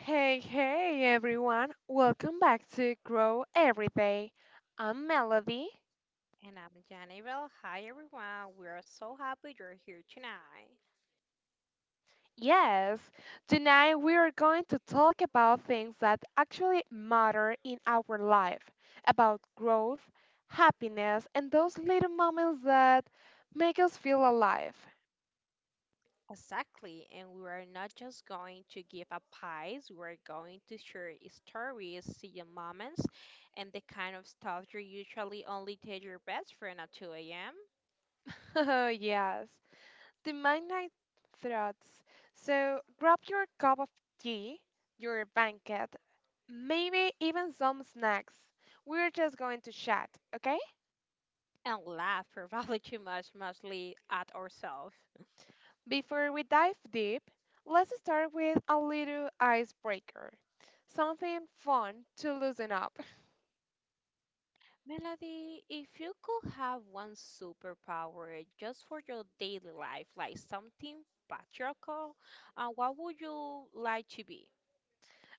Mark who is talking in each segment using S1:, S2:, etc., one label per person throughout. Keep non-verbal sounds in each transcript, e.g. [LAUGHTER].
S1: Hey, hey, everyone. Welcome back to Grow Every Day. I'm Melody.
S2: And I'm Janibel. Hi, everyone. We are so happy you're here tonight.
S1: Yes, tonight we are going to talk about things that actually matter in our life, about growth, happiness, and those little moments that make us feel alive.
S2: Exactly, and we are not just going to give advice, we're going to share stories, see your moments, and the kind of stuff you usually only tell your best friend at 2 a.m.
S1: [LAUGHS] yes, the midnight thoughts. So grab your cup of tea, your blanket, maybe even some snacks. We're just going to chat, okay?
S2: And laugh [LAUGHS] probably too much, mostly at ourselves.
S1: Before we dive deep, let's start with a little icebreaker. Something fun to loosen up. [LAUGHS]
S2: Melody, if you could have one superpower just for your daily life, like something practical, what would you like to be?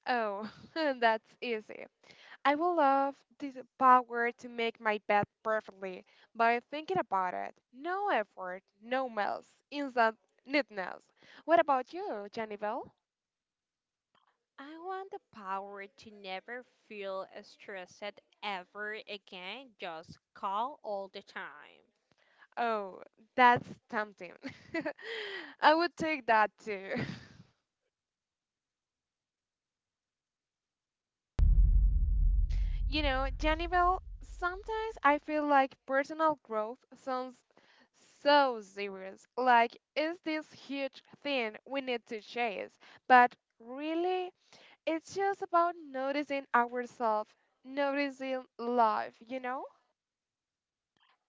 S1: Oh, [LAUGHS] that's easy. I will love this power to make my bed perfectly by thinking about it. No effort, no mess, instant neatness. What about you, Jennifer?
S2: I want the power to never feel stressed ever again, just call all the time.
S1: Oh, that's tempting. [LAUGHS] I would take that too. [LAUGHS] You know, Janibel, sometimes I feel like personal growth sounds so serious. Like, it's this huge thing we need to chase. But really, it's just about noticing ourselves, noticing life, you know?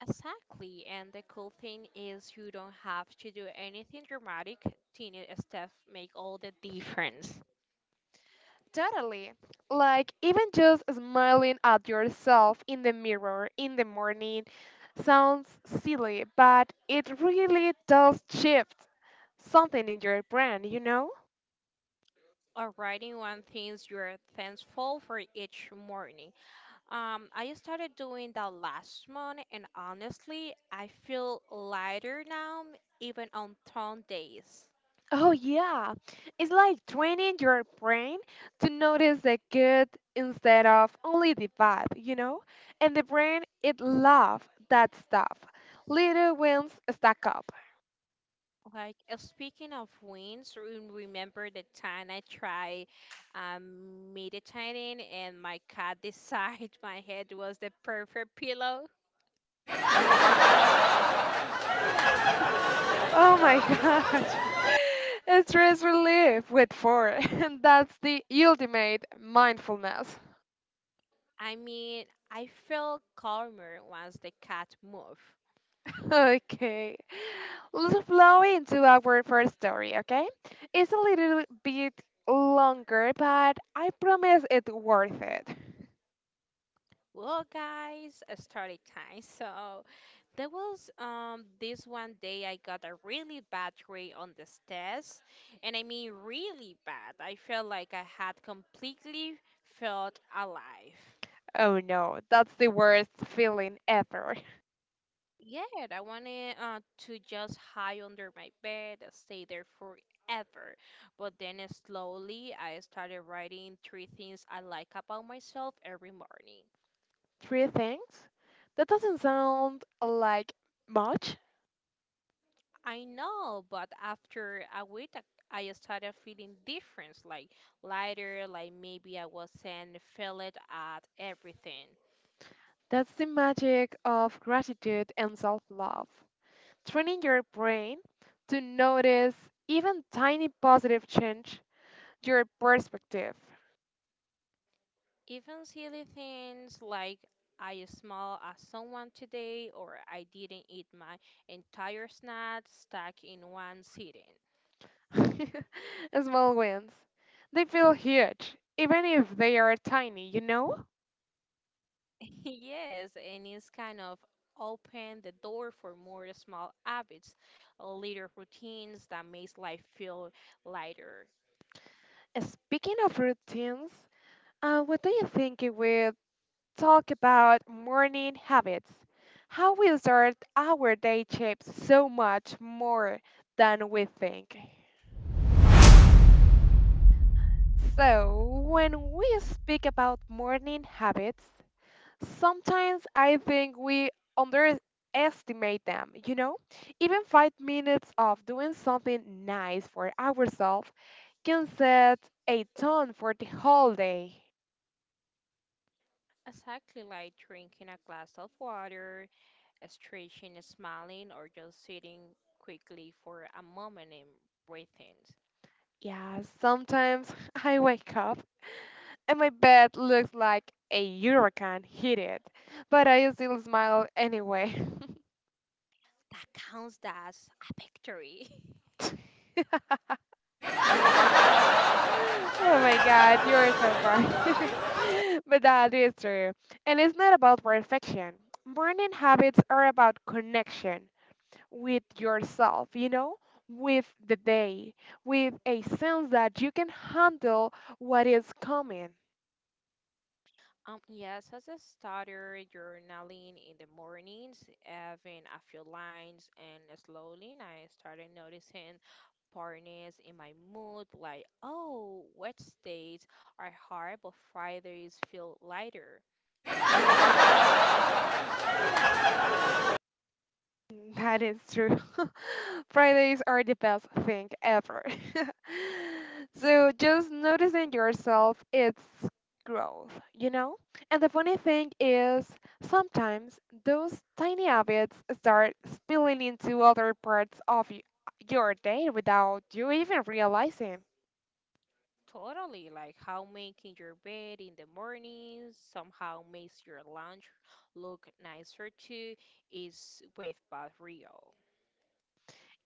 S2: Exactly, and the cool thing is you don't have to do anything dramatic. Tiny steps make all the difference.
S1: Totally. Like, even just smiling at yourself in the mirror in the morning sounds silly, but it really does shift something in your brain, you know?
S2: Or writing one things you're thankful for each morning. I started doing that last month, and honestly, I feel lighter now, even on down days.
S1: Oh, yeah. It's like training your brain to notice the good instead of only the bad, you know? And the brain, it loves that stuff. Little wins stack up.
S2: Like speaking of wins, remember the time I tried meditating and my cat decided [LAUGHS] my head was the perfect pillow?
S1: Oh my gosh. [LAUGHS] a Stress relief with four. [LAUGHS] And that's the ultimate mindfulness. [LAUGHS]
S2: I mean, I felt calmer once the cat moved.
S1: Okay. Let's flow into our first story, okay? It's a little bit longer, but I promise it's worth it.
S2: Well, guys, a story time. [LAUGHS] So there was this one day I got a really bad grade on the test, and I mean really bad. I felt like I had completely felt alive.
S1: Oh no, that's the worst feeling ever.
S2: Yeah, I wanted to just hide under my bed, stay there forever. But then slowly, I started writing three things I like about myself every morning.
S1: [LAUGHS] Three things? That doesn't sound like much.
S2: I know, but after a week, I started feeling different, like lighter, like maybe I wasn't failed at everything.
S1: That's the magic of gratitude and self love. Training your brain to notice even tiny positive change your perspective.
S2: Even silly things like I smiled at someone today or I didn't eat my entire snack stuck in one sitting.
S1: [LAUGHS] Small wins. They feel huge, even if they are tiny, you know?
S2: [LAUGHS] Yes, and it's kind of opened the door for more small habits, little routines that makes life feel lighter.
S1: Speaking of routines, what do you think we talk about morning habits, how we start our day shapes so much more than we think. So, when we speak about morning habits, sometimes I think we underestimate them, you know? Even 5 minutes of doing something nice for ourselves can set a tone for the whole day.
S2: Exactly, like drinking a glass of water, stretching, smiling, or just sitting quickly for a moment and breathing.
S1: Yeah, sometimes [LAUGHS] I wake up and my bed looks like a hurricane hit it, but I still smile anyway.
S2: That counts as a victory. [LAUGHS]
S1: [LAUGHS] Oh my God, you're so funny. [LAUGHS] But that is true. And it's not about perfection. Morning habits are about connection with yourself, you know, with the day, with a sense that you can handle what is coming.
S2: Yes, as a starter, journaling in the mornings, having a few lines, and slowly I started noticing partners in my mood, like, oh, Wednesdays are hard, but Fridays feel lighter.
S1: That is true. [LAUGHS] Fridays are the best thing ever. [LAUGHS] so just noticing yourself, it's growth, you know? And the funny thing is, sometimes those tiny habits start spilling into other parts of your day without you even realizing.
S2: Totally, like how making your bed in the mornings somehow makes your lunch look nicer too is way but real.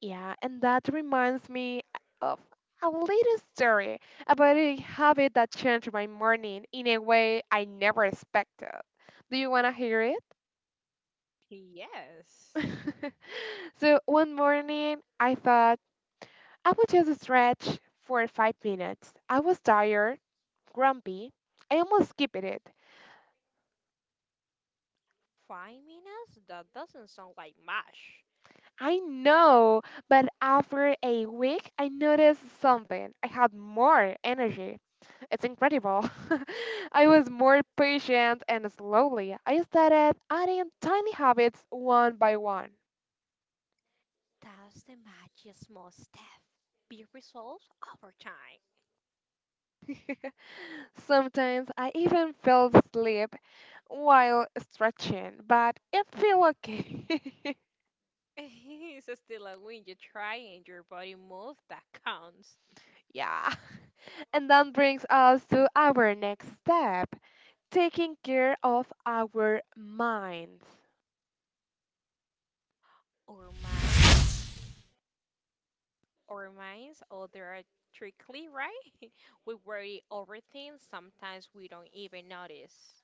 S1: Yeah, and that reminds me of a little story about a habit that changed my morning in a way I never expected. Do you want to hear it?
S2: Yes.
S1: [LAUGHS] So one morning, I thought I would just stretch for 5 minutes. I was tired, grumpy. I almost skipped it.
S2: 5 minutes? That doesn't sound like much.
S1: I know, but after a week, I noticed something. I had more energy. It's incredible. [LAUGHS] I was more patient and slowly I started adding tiny habits one by one.
S2: That's the magic's small step. Be resolved over time.
S1: [LAUGHS] Sometimes I even fell asleep while stretching, but it felt okay. [LAUGHS]
S2: [LAUGHS] It's still a win you try and your body move that counts.
S1: yeah. And that brings us to our next step taking care of our minds.
S2: Or mine, or mine's are trickly, right? [LAUGHS] We worry over things sometimes we don't even notice.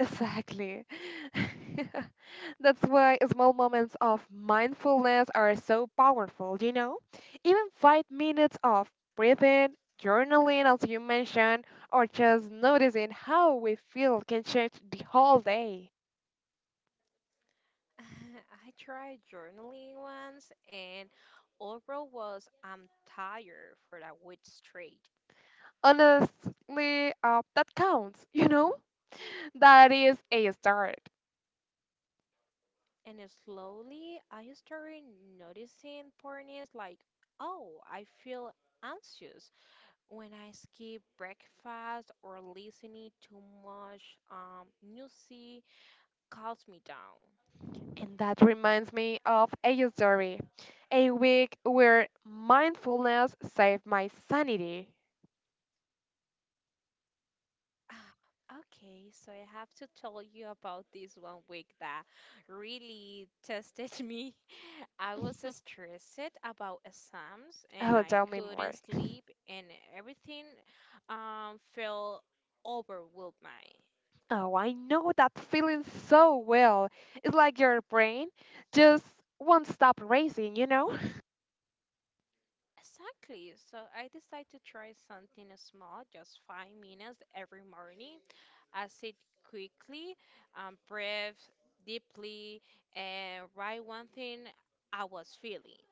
S1: Exactly. [LAUGHS] That's why small moments of mindfulness are so powerful, you know? Even 5 minutes of breathing, journaling, as you mentioned, or just noticing how we feel can change the whole day.
S2: [LAUGHS] I tried journaling once and overall was I'm tired for a week straight.
S1: Honestly, that counts, [LAUGHS] you know? That is a start.
S2: And slowly, I started noticing parties like, oh, I feel anxious when I skip breakfast or listening too much music calms me down.
S1: And that reminds me of a story, a week where mindfulness saved my sanity.
S2: [SIGHS] Okay, so I have to tell you about this one week that really tested [LAUGHS] me. I was
S1: [LAUGHS]
S2: stressed about exams and
S1: Oh,
S2: I
S1: tell me more.
S2: couldn't sleep and everything felt overwhelming.
S1: Oh, I know that feeling so well. It's like your brain just won't stop racing, you know?
S2: Exactly. So I decided to try something small, just 5 minutes every morning. I sit quickly, breathe deeply, and write one thing I was feeling.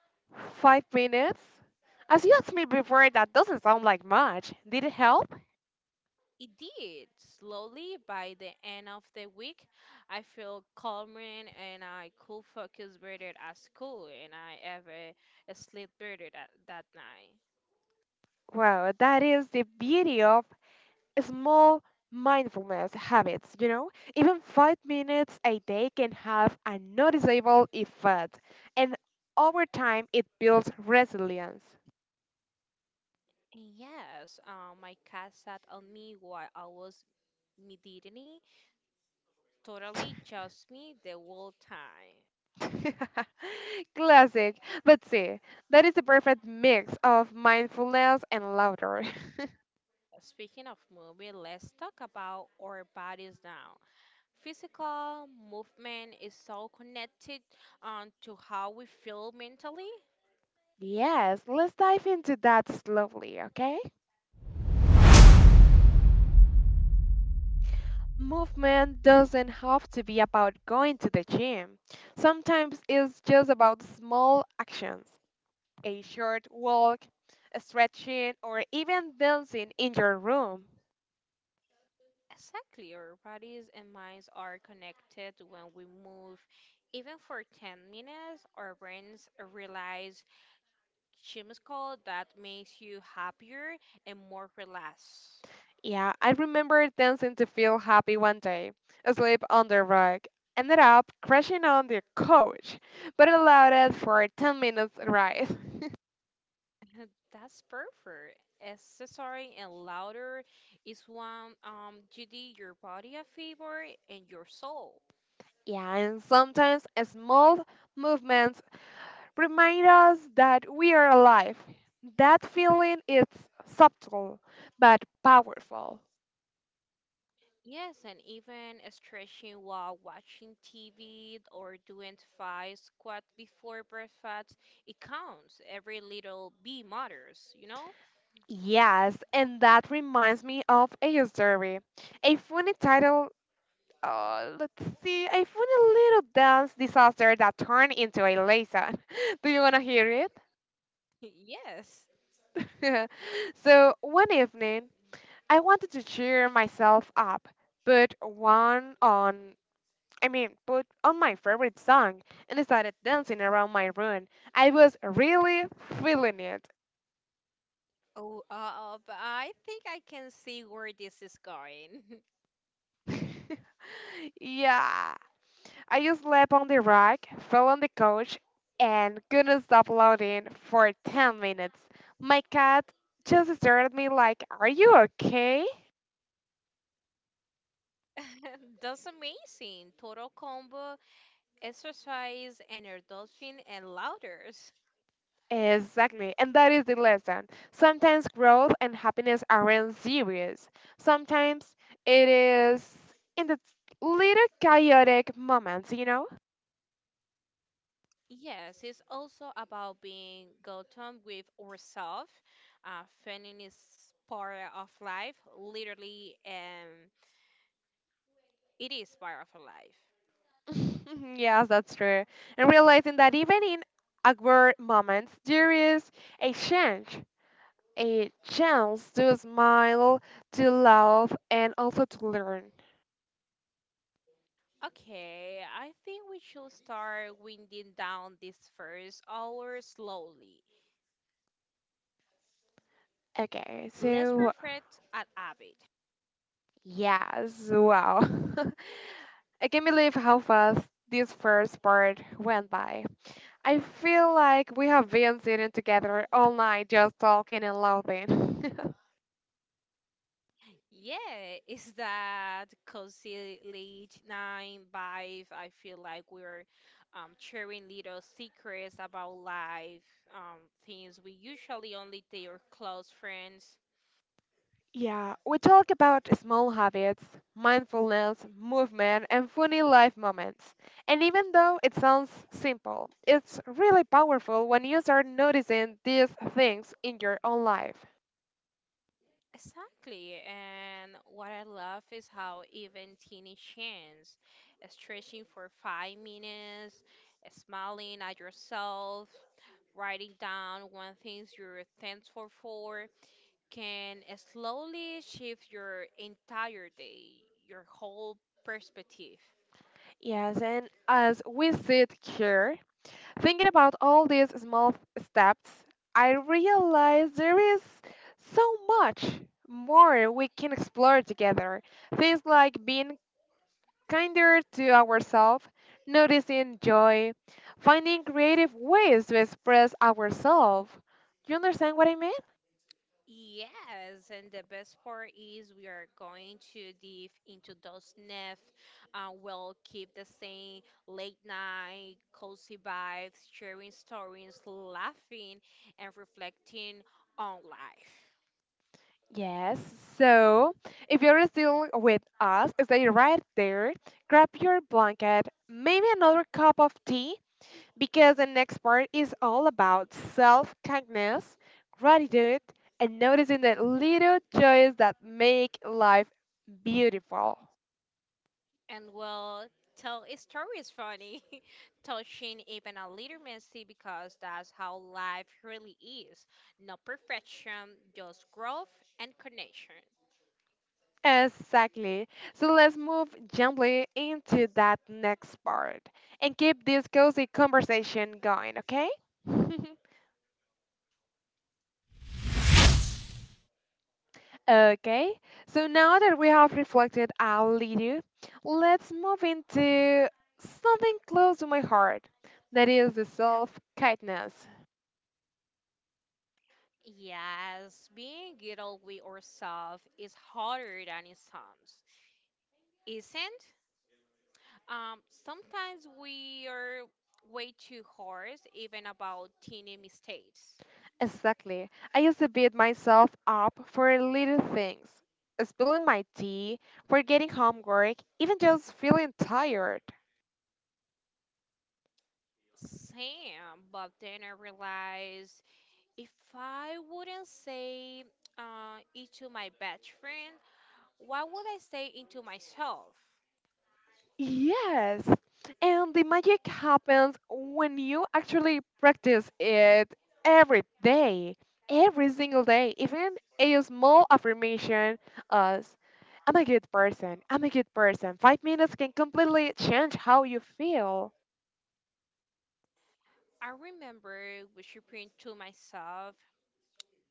S1: [LAUGHS] 5 minutes? As you asked me before, that doesn't sound like much. Did it help?
S2: It did. Slowly, by the end of the week, I feel calmer and I could focus better at school, and I ever sleep better that night.
S1: Wow, that is the beauty of small mindfulness habits, you know? Even 5 minutes a day can have a noticeable effect, and over time, it builds resilience.
S2: Yes, my cat sat on me while I was meditating totally just me the whole time.
S1: [LAUGHS] Classic. But see, that is the perfect mix of mindfulness and laughter. [LAUGHS]
S2: Speaking of movie, let's talk about our bodies now. Physical movement is so connected to how we feel mentally.
S1: Yes, let's dive into that slowly, okay? Movement doesn't have to be about going to the gym. Sometimes it's just about small actions. A short walk, a stretching, or even dancing in your room.
S2: Exactly, our bodies and minds are connected when we move. Even for 10 minutes, our brains realize chemical that makes you happier and more relaxed.
S1: Yeah, I remember dancing to feel happy one day, asleep on the rug. Ended up crashing on the couch, but it allowed us for a 10 minutes ride. [LAUGHS]
S2: [LAUGHS] That's perfect. Accessory and louder is one you did your body a favor and your soul.
S1: Yeah, and sometimes small movements remind us that we are alive. That feeling is subtle but powerful.
S2: Yes, and even stretching while watching TV or doing five squat before breakfast, it counts. Every little bee matters, you know?
S1: Yes, and that reminds me of a story. A funny title Oh, let's see. I found a little dance disaster that turned into a laser. [LAUGHS] Do you want to hear
S2: [LAUGHS] Yes.
S1: it? [LAUGHS] so, one evening, I wanted to cheer myself up, put one on, I mean, put on my favorite song, and started dancing around my room. I was really feeling it.
S2: Oh, but I think I can see where this is going.
S1: [LAUGHS] yeah, I just slept on the rug, fell on the couch, and couldn't stop loading for 10 minutes. My cat just stared at me like, Are you okay?
S2: [LAUGHS] That's amazing. Total combo exercise and indulging and louders.
S1: Exactly, and that is the lesson. Sometimes growth and happiness aren't serious. Sometimes it is in the little chaotic moments, you know?
S2: Yes, it's also about being Gotham with ourselves. Feminine is part of life, literally, and it is part of life.
S1: [LAUGHS] yes, that's true. And realizing that even in awkward moments, there is a change. A chance to smile, to laugh, and also to learn.
S2: Okay, I think we should start winding down this first hour slowly.
S1: Okay,
S2: Let's
S1: so
S2: reflect at habit.
S1: yes, wow. [LAUGHS] I can't believe how fast this first part went by. I feel like we have been sitting together all night just talking and laughing. [LAUGHS]
S2: Yeah, is that concealed nine vibe? I feel like we're sharing little secrets about life, um, things we usually only tell our close friends.
S1: Yeah, we talk about small habits, mindfulness, movement, and funny life moments. And even though it sounds simple, it's really powerful when you start noticing these things in your own life.
S2: Exactly, and what I love is how even teeny chance, stretching for 5 minutes, smiling at yourself, writing down one thing you're thankful for, can slowly shift your entire day, your whole perspective.
S1: Yes, and as we sit here, thinking about all these small steps, I realize there is so much more we can explore together. Things like being kinder to ourselves, noticing joy, finding creative ways to express ourselves. You understand what I mean?
S2: Yes, and the best part is we are going to dive into those nests. We'll keep the same late night, cozy vibes, sharing stories, laughing, and reflecting on life.
S1: Yes. So, if you're still with us, stay right there, grab your blanket, maybe another cup of tea, because the next part is all about self kindness, gratitude, and noticing the little joys that make life beautiful.
S2: And will tell a stories funny, [LAUGHS] touching, even a little messy, because that's how life really is. No perfection, just growth and connection.
S1: Exactly. So let's move gently into that next part and keep this cozy conversation going, okay? [LAUGHS] Okay, so now that we have reflected a little, let's move into something close to my heart that is the self kindness.
S2: Yes, being real with ourselves is harder than it sounds, isn't? Um, sometimes we are way too harsh, even about teeny mistakes.
S1: Exactly. I used to beat myself up for little things, spilling my tea, forgetting homework, even just feeling tired.
S2: Same, but then I realized if I wouldn't say it to my best friend, what would I say it to myself?
S1: Yes. And the magic happens when you actually practice it every day, every single day, even a small affirmation as I'm a good person, I'm a good person. 5 minutes can completely change how you feel.
S2: I remember whispering to myself,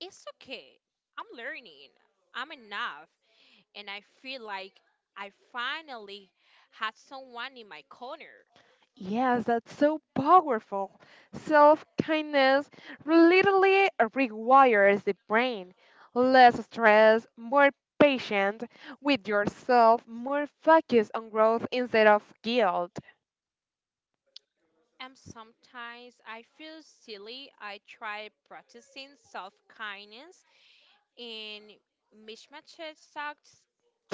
S2: it's okay. I'm learning. I'm enough. And I feel like I finally had someone in my corner.
S1: Yes, that's so powerful. Self kindness literally rewires the brain. Less stress, more patient with yourself, more focus on growth instead of guilt.
S2: And sometimes I feel silly. I try practicing self kindness and mismatches sucked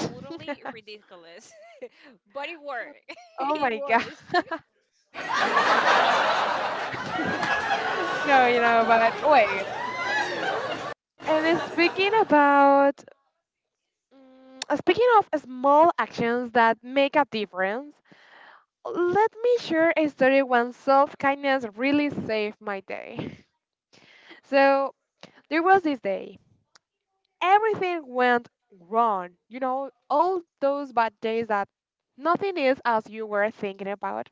S2: totally
S1: oh
S2: ridiculous [LAUGHS] but it worked. [LAUGHS] It
S1: my god.
S2: works.
S1: [LAUGHS] No, you know, but wait. And speaking of small actions that make a difference, let me share a story when self kindness really saved my day. So there was this day. Everything went wrong. You know, all those bad days that nothing is as you were thinking about.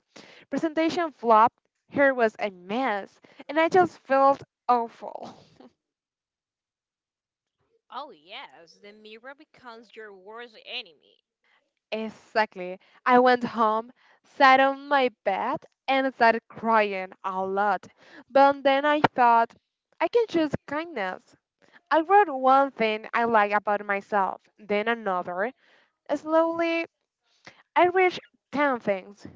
S1: Presentation flopped, hair was a mess, and I just felt awful. [LAUGHS]
S2: Oh yes, the mirror becomes your worst enemy.
S1: Exactly. I went home, sat on my bed, and started crying a lot. But then I thought, I can choose kindness. I wrote one thing I like about myself, then another. Slowly, I reached 10 things.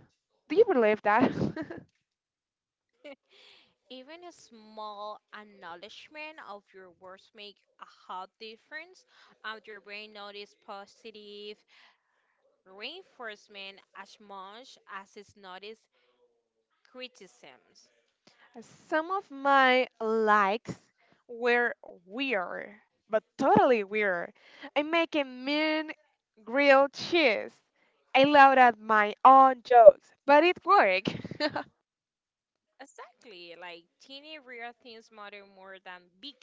S1: Do you believe that?
S2: Even a small acknowledgement of your words make a hot difference, and your brain notice positive reinforcement as much as it notice criticisms.
S1: [LAUGHS] Some of my likes were weird, but totally weird. I make a mean grilled cheese. I laughed at my own jokes, but it worked.
S2: Exactly, like teeny real things matter more than big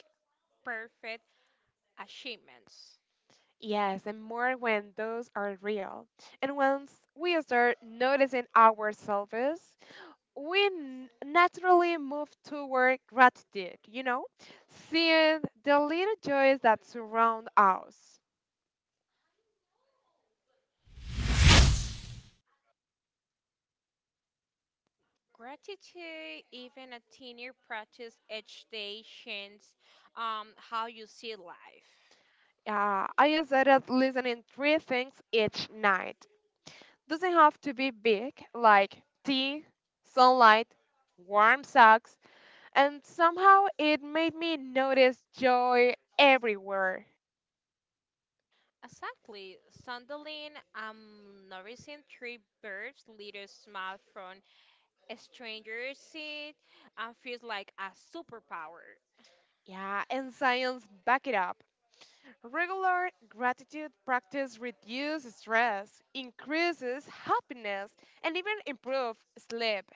S2: perfect achievements.
S1: [LAUGHS] yes, and more when those are real. And once we start noticing ourselves, we naturally move toward gratitude, you know, seeing the little joys that surround us.
S2: Gratitude, even a tiny practice each day, changes how you see life.
S1: I just started listening 3 things each night. Doesn't have to be big, like tea, sunlight, warm socks, and somehow it made me notice joy everywhere.
S2: Exactly. Suddenly, I'm noticing three birds, little smile from a stranger's seat, and feels like a superpower.
S1: Yeah, and science back it up. Regular gratitude practice reduces stress, increases happiness, and even improves sleep.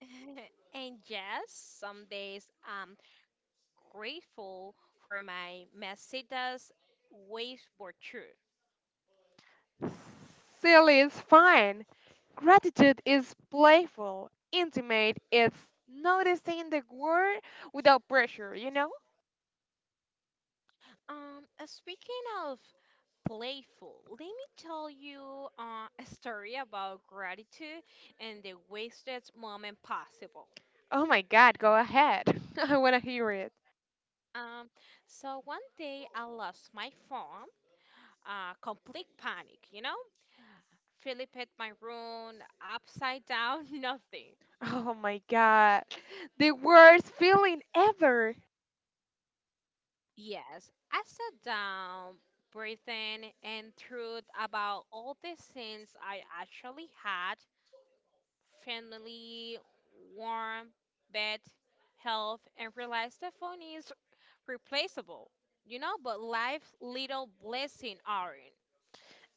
S2: [LAUGHS] And yes, some days I'm grateful for my messages, waves were true.
S1: Silly is fine. Gratitude is playful, intimate, it's noticing the word without pressure, you know?
S2: Speaking of playful, let me tell you a story about gratitude and the wasted moment possible.
S1: Oh my god, go ahead. [LAUGHS] I wanna hear it.
S2: Um, so one day I lost my phone, complete panic, you know? Philip hit my room, upside down, [LAUGHS] nothing.
S1: Oh my god, the worst feeling ever.
S2: Yes, I sat down, breathing, and thought about all the sins I actually had family, warm bed, health, and realize the phone is replaceable, you know, but life's little blessing aren't.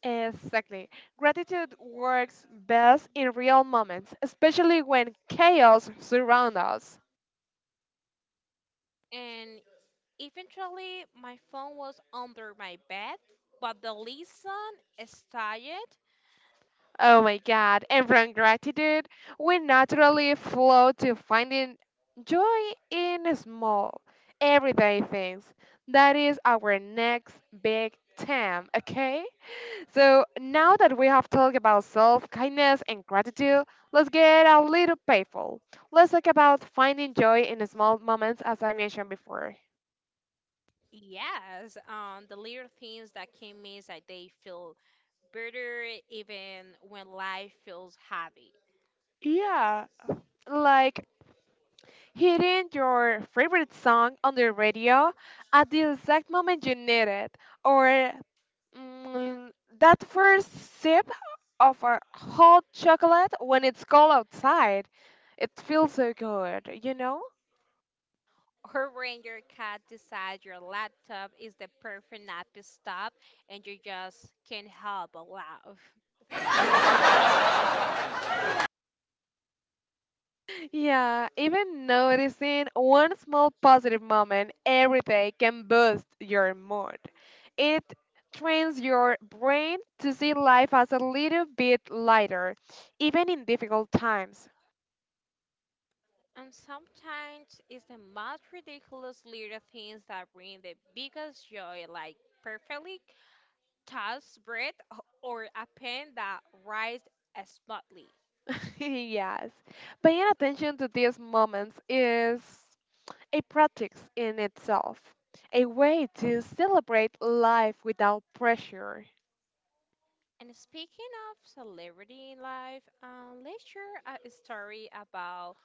S1: Exactly. Gratitude works best in real moments, especially when chaos surrounds us.
S2: And eventually, my phone was under my bed, but the lesson started.
S1: Oh my god, and from gratitude, we naturally flow to finding joy in small, everyday things. That is our next big theme, okay? So now that we have talked about self kindness and gratitude, let's get a little playful. Let's talk about finding joy in small moments, as I mentioned before.
S2: Yes, the little things that came means that they feel better even when life feels heavy.
S1: Yeah, like hitting your favorite song on the radio at the exact moment you need it, or mm, that first sip of a hot chocolate when it's cold outside. It feels so good, you know?
S2: Or when your cat decides your laptop is the perfect nap stop and you just can't help but laugh.
S1: Yeah, even noticing one small positive moment every day can boost your mood. It trains your brain to see life as a little bit lighter, even in difficult times.
S2: And sometimes it's the most ridiculous little things that bring the biggest joy, like perfectly tossed bread or a pen that writes smoothly.
S1: [LAUGHS] Yes, paying attention to these moments is a practice in itself, a way to celebrate life without pressure.
S2: And speaking of celebrity life, let's share a story about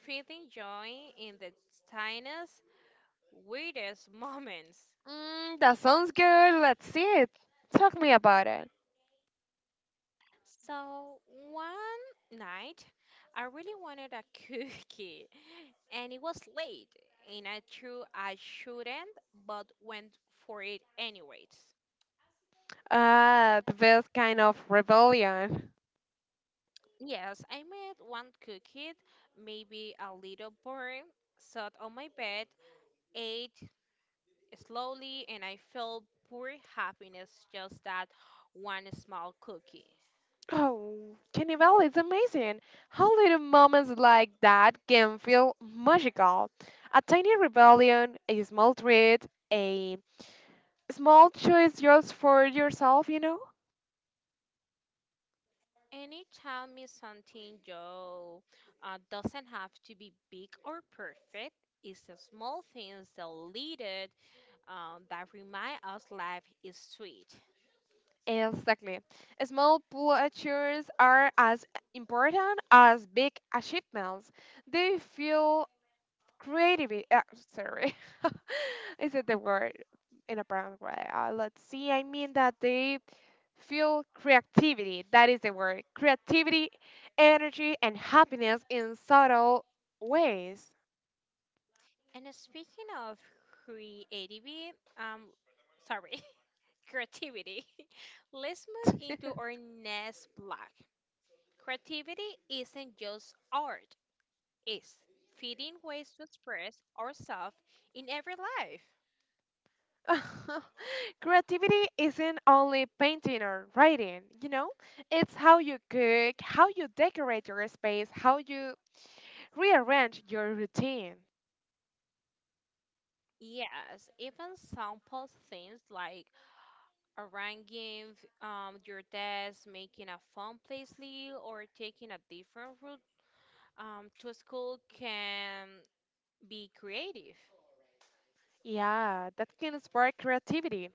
S2: feeling joy in the tiniest, weirdest [LAUGHS] moments.
S1: Mm, that sounds good. Let's see it. Talk me about.
S2: So one night, I really wanted a [LAUGHS] cookie, and it was late, and I threw I shouldn't, but went for it anyways.
S1: Ah, the best kind of rebellion.
S2: Yes, I made one cookie, maybe a little burnt, sat on my bed, ate slowly, and I felt pure happiness just that one small cookie.
S1: Oh, Carnival is amazing. How little moments like that can feel magical. A tiny rebellion, a small treat, a small choice just for yourself, you know?
S2: Anytime is something, Joe, doesn't have to be big or perfect. It's the small things that lead it that remind us life is sweet.
S1: Exactly. Small pleasures are as important as big achievements. They fuel creativity, sorry, [LAUGHS] is it the word in a brown way? Let's see, I mean that they feel creativity, that is the word, creativity, energy and happiness in subtle ways.
S2: And speaking of creativity, um, sorry, [LAUGHS] creativity, [LAUGHS] let's move into our next block. Creativity isn't just art; it's finding ways to express ourselves in every life.
S1: [LAUGHS] Creativity isn't only painting or writing. It's how you cook, how you decorate your space, how you rearrange your routine.
S2: Yes, even simple things like arranging your desk, making a fun playlist, or taking a different route to school can be creative.
S1: Yeah, that can spark creativity.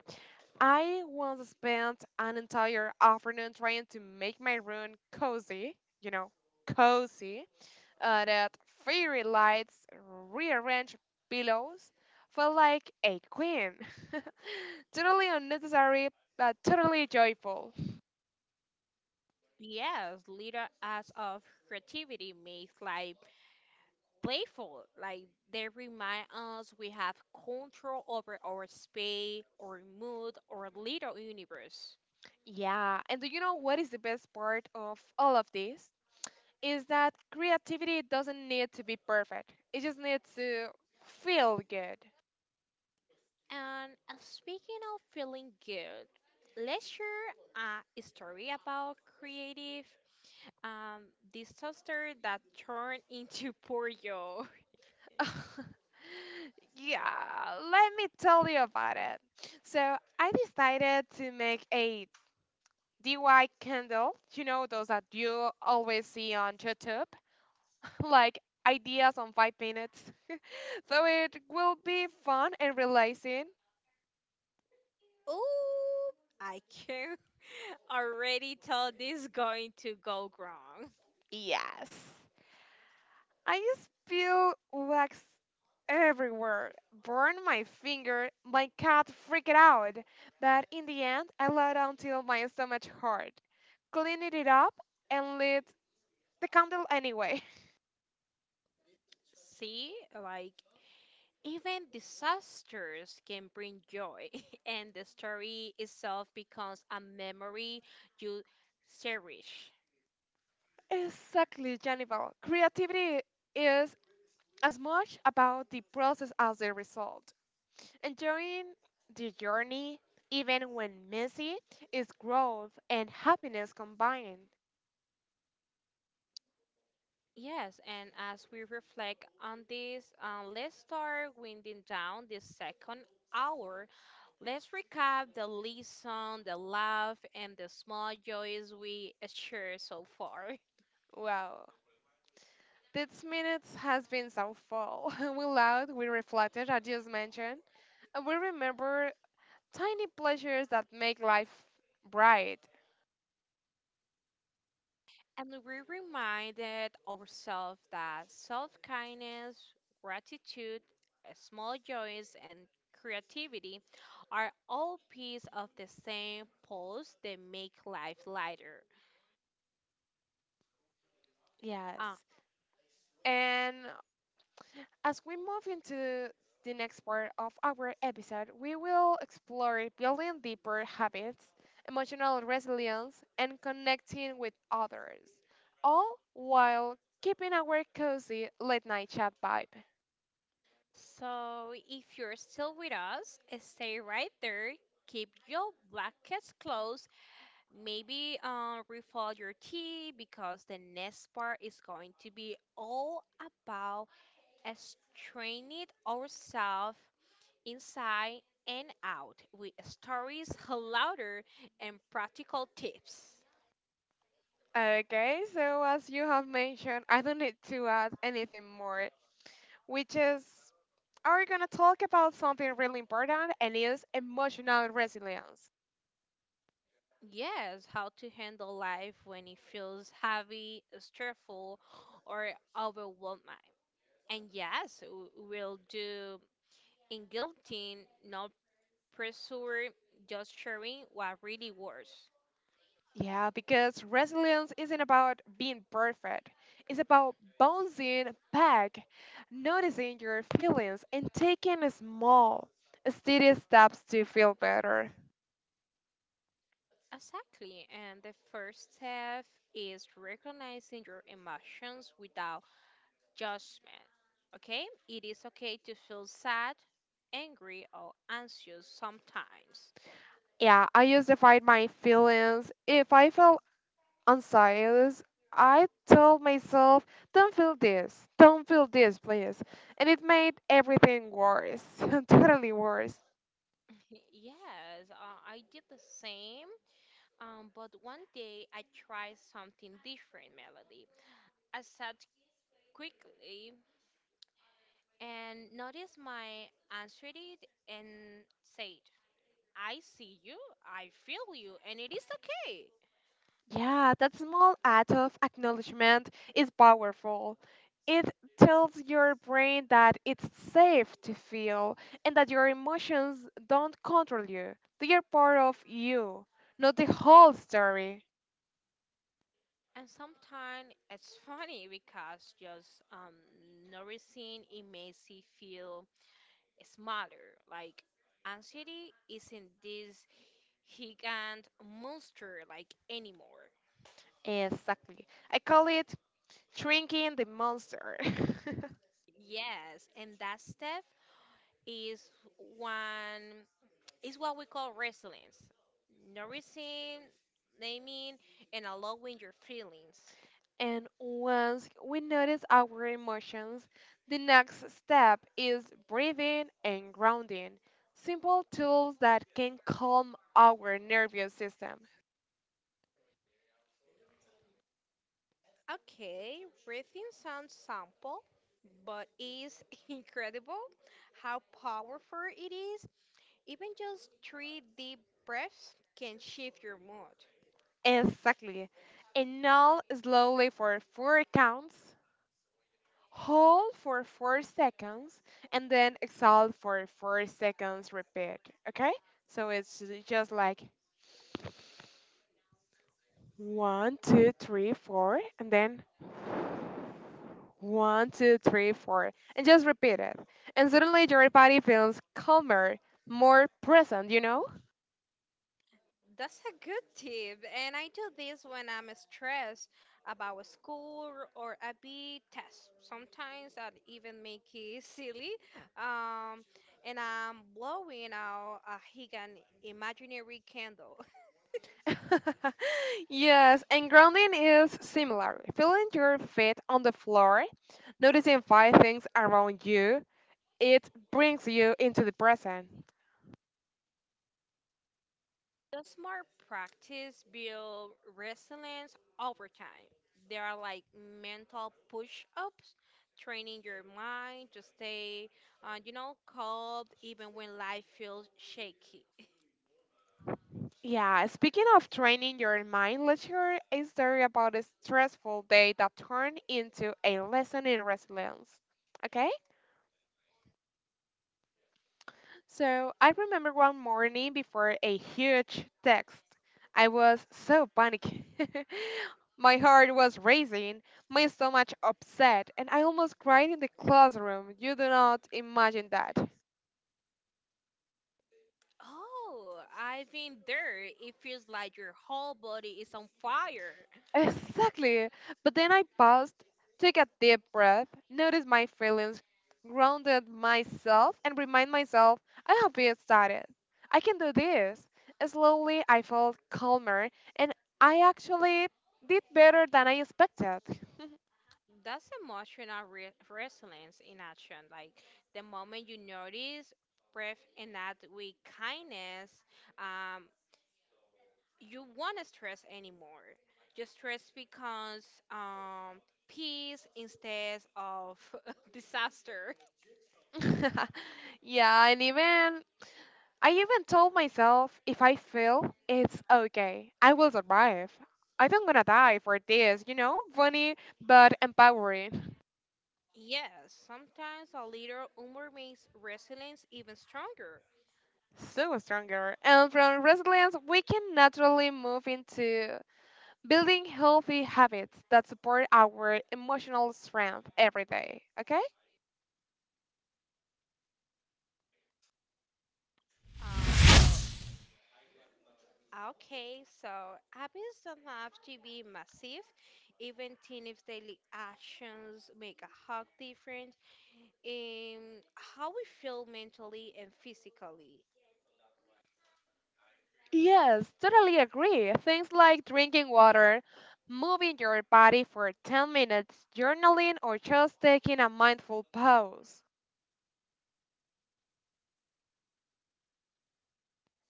S1: I once spent an entire afternoon trying to make my room cozy, you know, cozy, that fairy lights, rearranged pillows, felt like a queen. [LAUGHS] Totally unnecessary, but totally joyful.
S2: Yes, little acts of creativity make life playful. Like they remind us we have control over our space, our mood, our little universe.
S1: Yeah, and do you know what is the best part of all of this? Is that creativity doesn't need to be perfect, it just needs to feel good.
S2: And speaking of feeling good, let's share a story about creative um, disaster that turned [LAUGHS] into poor yo. [LAUGHS]
S1: [LAUGHS] Yeah, let me tell you about it. So I decided to make a DIY candle. You know those that you always see on YouTube, [LAUGHS] like ideas on 5 minutes. [LAUGHS] So it will be fun and relaxing.
S2: Oh, I can [LAUGHS] already tell this is going to go wrong.
S1: Yes. I spill wax everywhere, burn my finger, my cat freaked out, but in the end I let until my stomach hurt, cleaned it up, and lit the candle anyway. [LAUGHS]
S2: See, like even disasters can bring joy, [LAUGHS] and the story itself becomes a memory you cherish.
S1: Exactly, Jennifer. Creativity is as much about the process as the result. Enjoying the journey, even when messy, is growth and happiness combined.
S2: Yes, and as we reflect on this, let's start winding down this second hour. Let's recap the lesson, the laugh, and the small joys we shared so far. [LAUGHS]
S1: Wow. This minutes has been so full. [LAUGHS] We laughed, we reflected, I just mentioned, and we remember tiny pleasures that make life bright.
S2: And we reminded ourselves that self kindness, gratitude, small joys, and creativity are all pieces of the same pulse that make life lighter. Uh,
S1: Yes. And as we move into the next part of our episode, we will explore building deeper habits, emotional resilience, and connecting with others, all while keeping our cozy late night chat vibe.
S2: So, if you're still with us, stay right there. Keep your blankets closed. Maybe refill your tea because the next part is going to be all about straining ourselves inside and out with stories louder and practical tips.
S1: Okay, so as you have mentioned, I don't need to add anything more, which is are gonna talk about something really important and is emotional resilience.
S2: Yes, how to handle life when it feels heavy, stressful, or overwhelming. And yes, we'll do in guilting, not pressure, just sharing what really works.
S1: Yeah, because resilience isn't about being perfect. It's about bouncing back, noticing your feelings, and taking small, steady steps to feel better.
S2: Exactly. And the first step is recognizing your emotions without judgment. Okay? It is okay to feel sad, angry, or anxious sometimes.
S1: Yeah, I used to fight my feelings if I felt on silence, I told myself, don't feel this, please. And it made everything worse, [LAUGHS] totally worse.
S2: [LAUGHS] Yes, I did the same, but one day I tried something different, Melody. I sat quickly and noticed my anxiety and said, I see you, I feel you, and it is okay.
S1: Yeah, that small act of acknowledgement is powerful. It tells your brain that it's safe to feel and that your emotions don't control you. They are part of you, not the whole story.
S2: And sometimes it's funny because just noticing it makes you feel smaller. Like anxiety isn't this gigant monster like anymore.
S1: Exactly. I call it shrinking the monster. [LAUGHS]
S2: Yes, and that step is one. It's what we call resilience, nourishing, naming, and allowing your feelings.
S1: And once we notice our emotions, the next step is breathing and grounding, simple tools that can calm our nervous system.
S2: Okay, breathing sounds simple, but it's [LAUGHS] incredible how powerful it is. Even just three deep breaths can shift your mood.
S1: Exactly. And now, slowly for 4 counts, hold for 4 seconds, and then exhale for 4 seconds. Repeat. Okay? So it's just like one, two, three, four, and then one, two, three, four, and just repeat it. And suddenly your body feels calmer, more present, you know?
S2: That's a good tip, and I do this when I'm stressed about school or a big test. Sometimes I even make it [LAUGHS] silly, um, and I'm blowing out a Higan imaginary candle. [LAUGHS]
S1: [LAUGHS] Yes, and grounding is similar. Feeling your feet on the floor, noticing five things around you, it brings you into the present.
S2: The smart practice build resilience over time. They are like mental push-ups, training your mind to stay, you know, calm even when life feels shaky.
S1: Yeah, speaking of training your mind, let's hear a story about a stressful day that turned into a lesson in resilience. Okay? So I remember one morning before a huge text, I was so panicked. [LAUGHS] My heart was racing, my stomach upset, and I almost cried in the classroom. You do not imagine that.
S2: Oh, I've been there. It feels like your whole body is on fire.
S1: Exactly. But then I paused, took a deep breath, noticed my feelings, grounded myself, and remind myself I have been started. I can do this. Slowly, I felt calmer, and I actually did better than I expected.
S2: That's emotional resilience in action. Like the moment you notice, breath, and act with kindness, um, you won't stress anymore. Just stress becomes peace instead of [LAUGHS] disaster.
S1: [LAUGHS] Yeah, and even I even told myself if I fail, it's okay. I will survive. I don't gonna die for this, you know? Funny but empowering.
S2: Yes, sometimes a little humor makes resilience even stronger.
S1: So stronger. And from resilience, we can naturally move into building healthy habits that support our emotional strength every day. Okay?
S2: Uh, uh, Okay, so habits don't have to be massive. Even tiny daily actions make a hug difference in how we feel mentally and physically.
S1: Yes, totally agree. Things like drinking water, moving your body for 10 minutes, journaling, or just taking a mindful pause.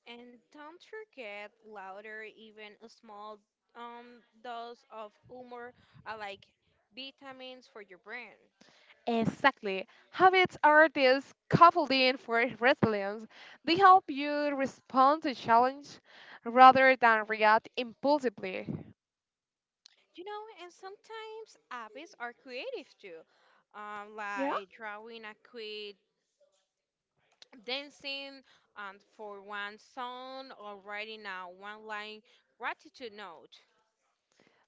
S2: And don't forget, louder, even a small dose of humor are like vitamins for your brain.
S1: Exactly. Habits are this scaffolding for resilience. They help you respond to challenge rather than react impulsively.
S2: You know, and sometimes habits are creative too.
S1: Yeah.
S2: Like drawing a quick dancing and for one song or writing a one line gratitude note.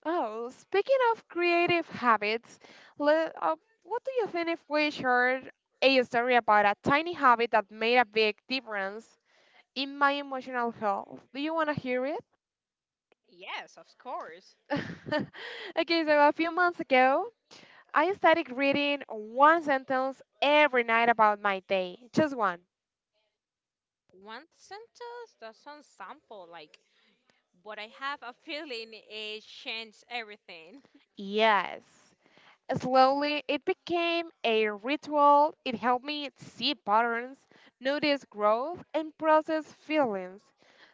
S1: Oh, speaking of creative habits, le- uh, what do you think if we shared a story about a tiny habit that made a big difference in my emotional health? Do you want to hear it?
S2: Yes, of course.
S1: [LAUGHS] Okay, so a few months ago, I started reading one sentence every night about my day, just one.
S2: One sentence does sounds simple, like, but I have a feeling it changes everything.
S1: Yes. Slowly, it became a ritual. It helped me see patterns, notice growth, and process feelings.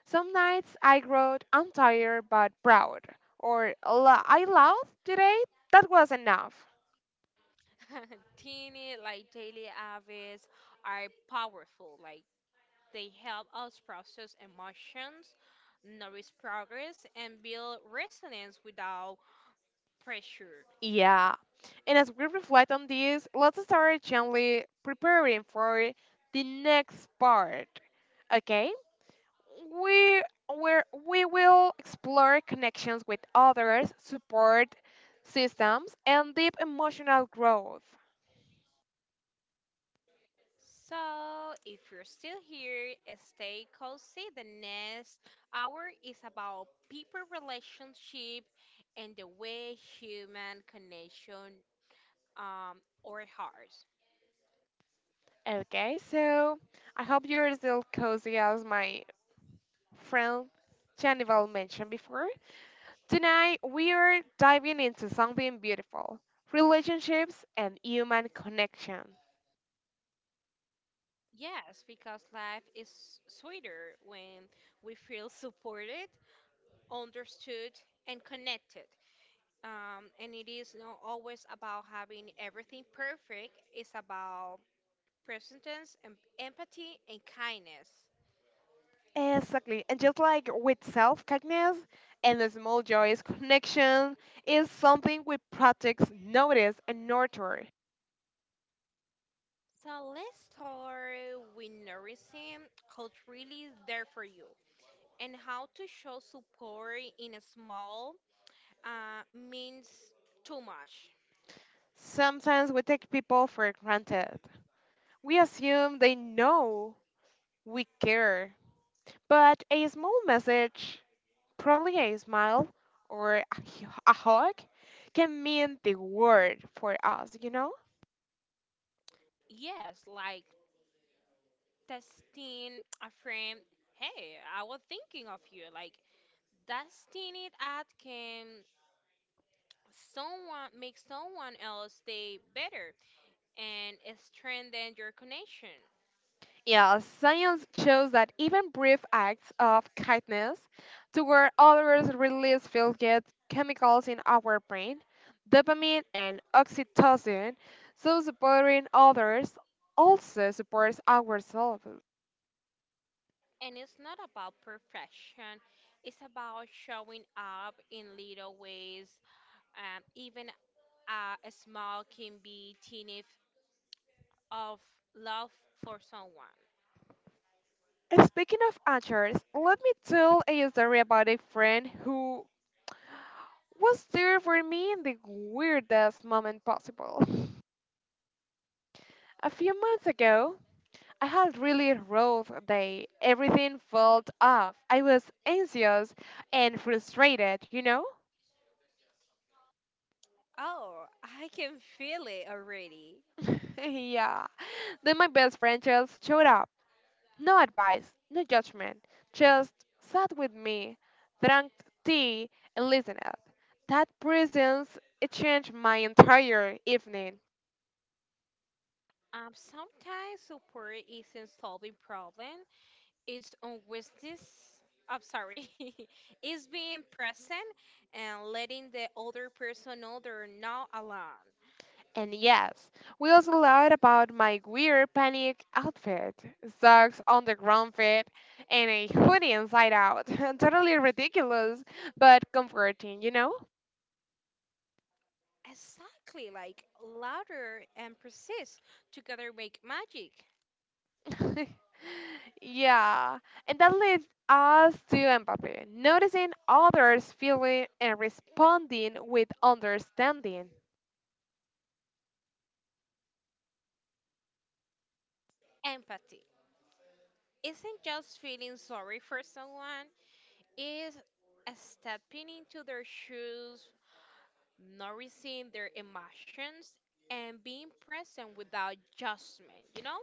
S1: Some nights I wrote, I'm tired but proud, or " I laughed today. That was enough.
S2: [LAUGHS] Teeny, like daily habits, are powerful. Like they help us process emotions, notice progress, and build resilience without pressure.
S1: Yeah. And as we reflect on this, let's start gently preparing for the next part. Okay? we we will explore connections with others, support systems, and deep emotional growth.
S2: So, if you're still here, stay cozy. The next hour is about people relationship and the way human connection or hearts.
S1: Okay, so I hope you're still cozy as my friend Chanival mentioned before. Tonight we are diving into something beautiful, relationships and human connection.
S2: Yes, because life is sweeter when we feel supported, understood, and connected. And it is not always about having everything perfect. It's about presence, and empathy, and kindness.
S1: Exactly. And just like with self kindness and the small joys, connection is something we practice, notice, and nurture.
S2: So let's start with noticing who's really there for you and how to show support in a small means too much.
S1: Sometimes we take people for granted. We assume they know we care. But a small message, probably a smile or a hug, can mean the world for us, you know?
S2: Yes, like testing a friend, hey, I was thinking of you. Like testing it at can someone make someone else day better and strengthen your connection.
S1: Yeah, science shows that even brief acts of kindness toward others release feel good chemicals in our brain, dopamine and oxytocin, so supporting others also supports ourselves.
S2: And it's not about perfection, it's about showing up in little ways. Even a small can be tiny of love for someone.
S1: And speaking of others, let me tell a story about a friend who was there for me in the weirdest moment possible. [LAUGHS] A few months ago, I had really rough day. Everything felt off. I was anxious and frustrated, you know?
S2: Oh, I can feel it already.
S1: [LAUGHS] Yeah. Then my best friend just showed up. No advice, no judgment. Just sat with me, drank tea, and listened. That presence it changed my entire evening.
S2: Sometimes support isn't solving problem, it's unwitness. I'm sorry. [LAUGHS] It's being present and letting the other person know they're not alone.
S1: And yes, we also lied about my weird panic outfit, socks on the ground fit, and a hoodie inside out. [LAUGHS] Totally ridiculous, but comforting, you know?
S2: Exactly, like louder and persist together make magic.
S1: [LAUGHS] Yeah, and that leads us to empathy, noticing others' feeling and responding with understanding.
S2: Empathy isn't just feeling sorry for someone, it's stepping into their shoes, noticing their emotions, and being present without judgment, you know?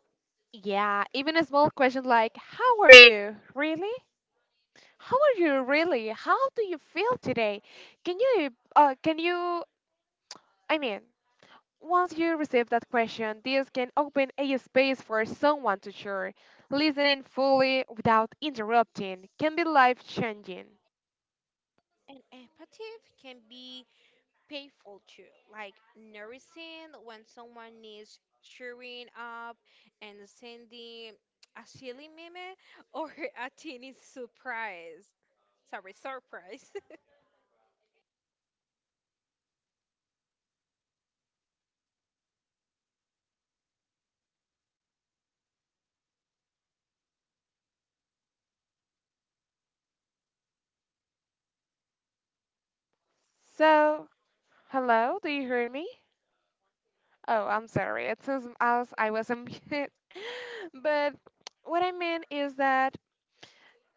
S1: Yeah, even a small question like, how are you? Really? How are you really? How do you feel today? Can you can you I mean, once you receive that question, this can open a space for someone to share. Listening fully without interrupting can be life changing.
S2: And empathy can be painful too, like nourishing when someone needs cheering up and sending a silly meme or [LAUGHS] a teeny surprise. Sorry, surprise. [LAUGHS]
S1: So, hello, do you hear me? Oh, I'm sorry, it seems as I was on mute. [LAUGHS] But what I mean is that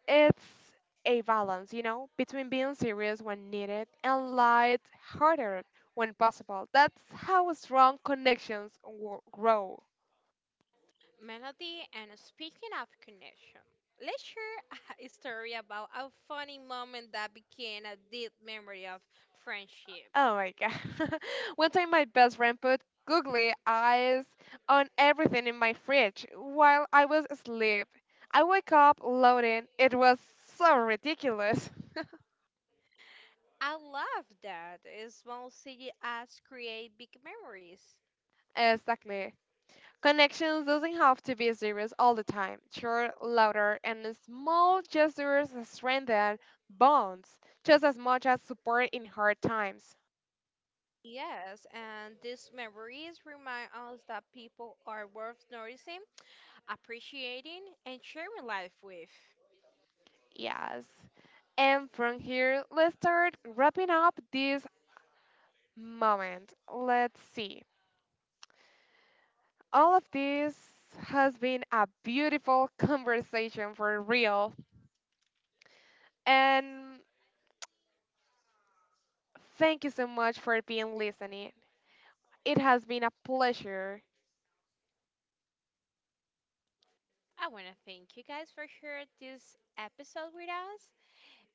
S1: it's a balance, you know, between being serious when needed and light-hearted when possible. That's how strong connections grow.
S2: Melody and speaking of connection, let's share a [LAUGHS] story about a funny moment that became a deep memory of friendship.
S1: Oh my god. [LAUGHS] One time my best friend put googly eyes on everything in my fridge while I was asleep. I wake up loading. It was so ridiculous. [LAUGHS]
S2: I love that. Small city acts create big memories.
S1: Exactly. Connections doesn't have to be serious all the time. Sure, louder and small gestures strengthen bonds just as much as support in hard times.
S2: Yes, and these memories remind us that people are worth noticing, appreciating, and sharing life with.
S1: Yes. And from here, let's start wrapping up this moment. Let's see. All of this has been a beautiful [LAUGHS] conversation for real. And thank you so much for being listening. It has been a pleasure.
S2: I want to thank you guys for sharing this episode with us,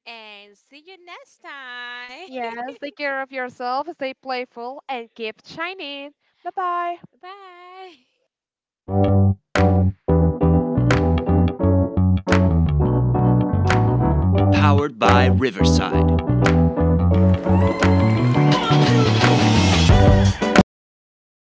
S2: and see you next time.
S1: Yes, take care of yourself, stay playful, and keep shining. Bye bye.
S2: [LAUGHS] Bye.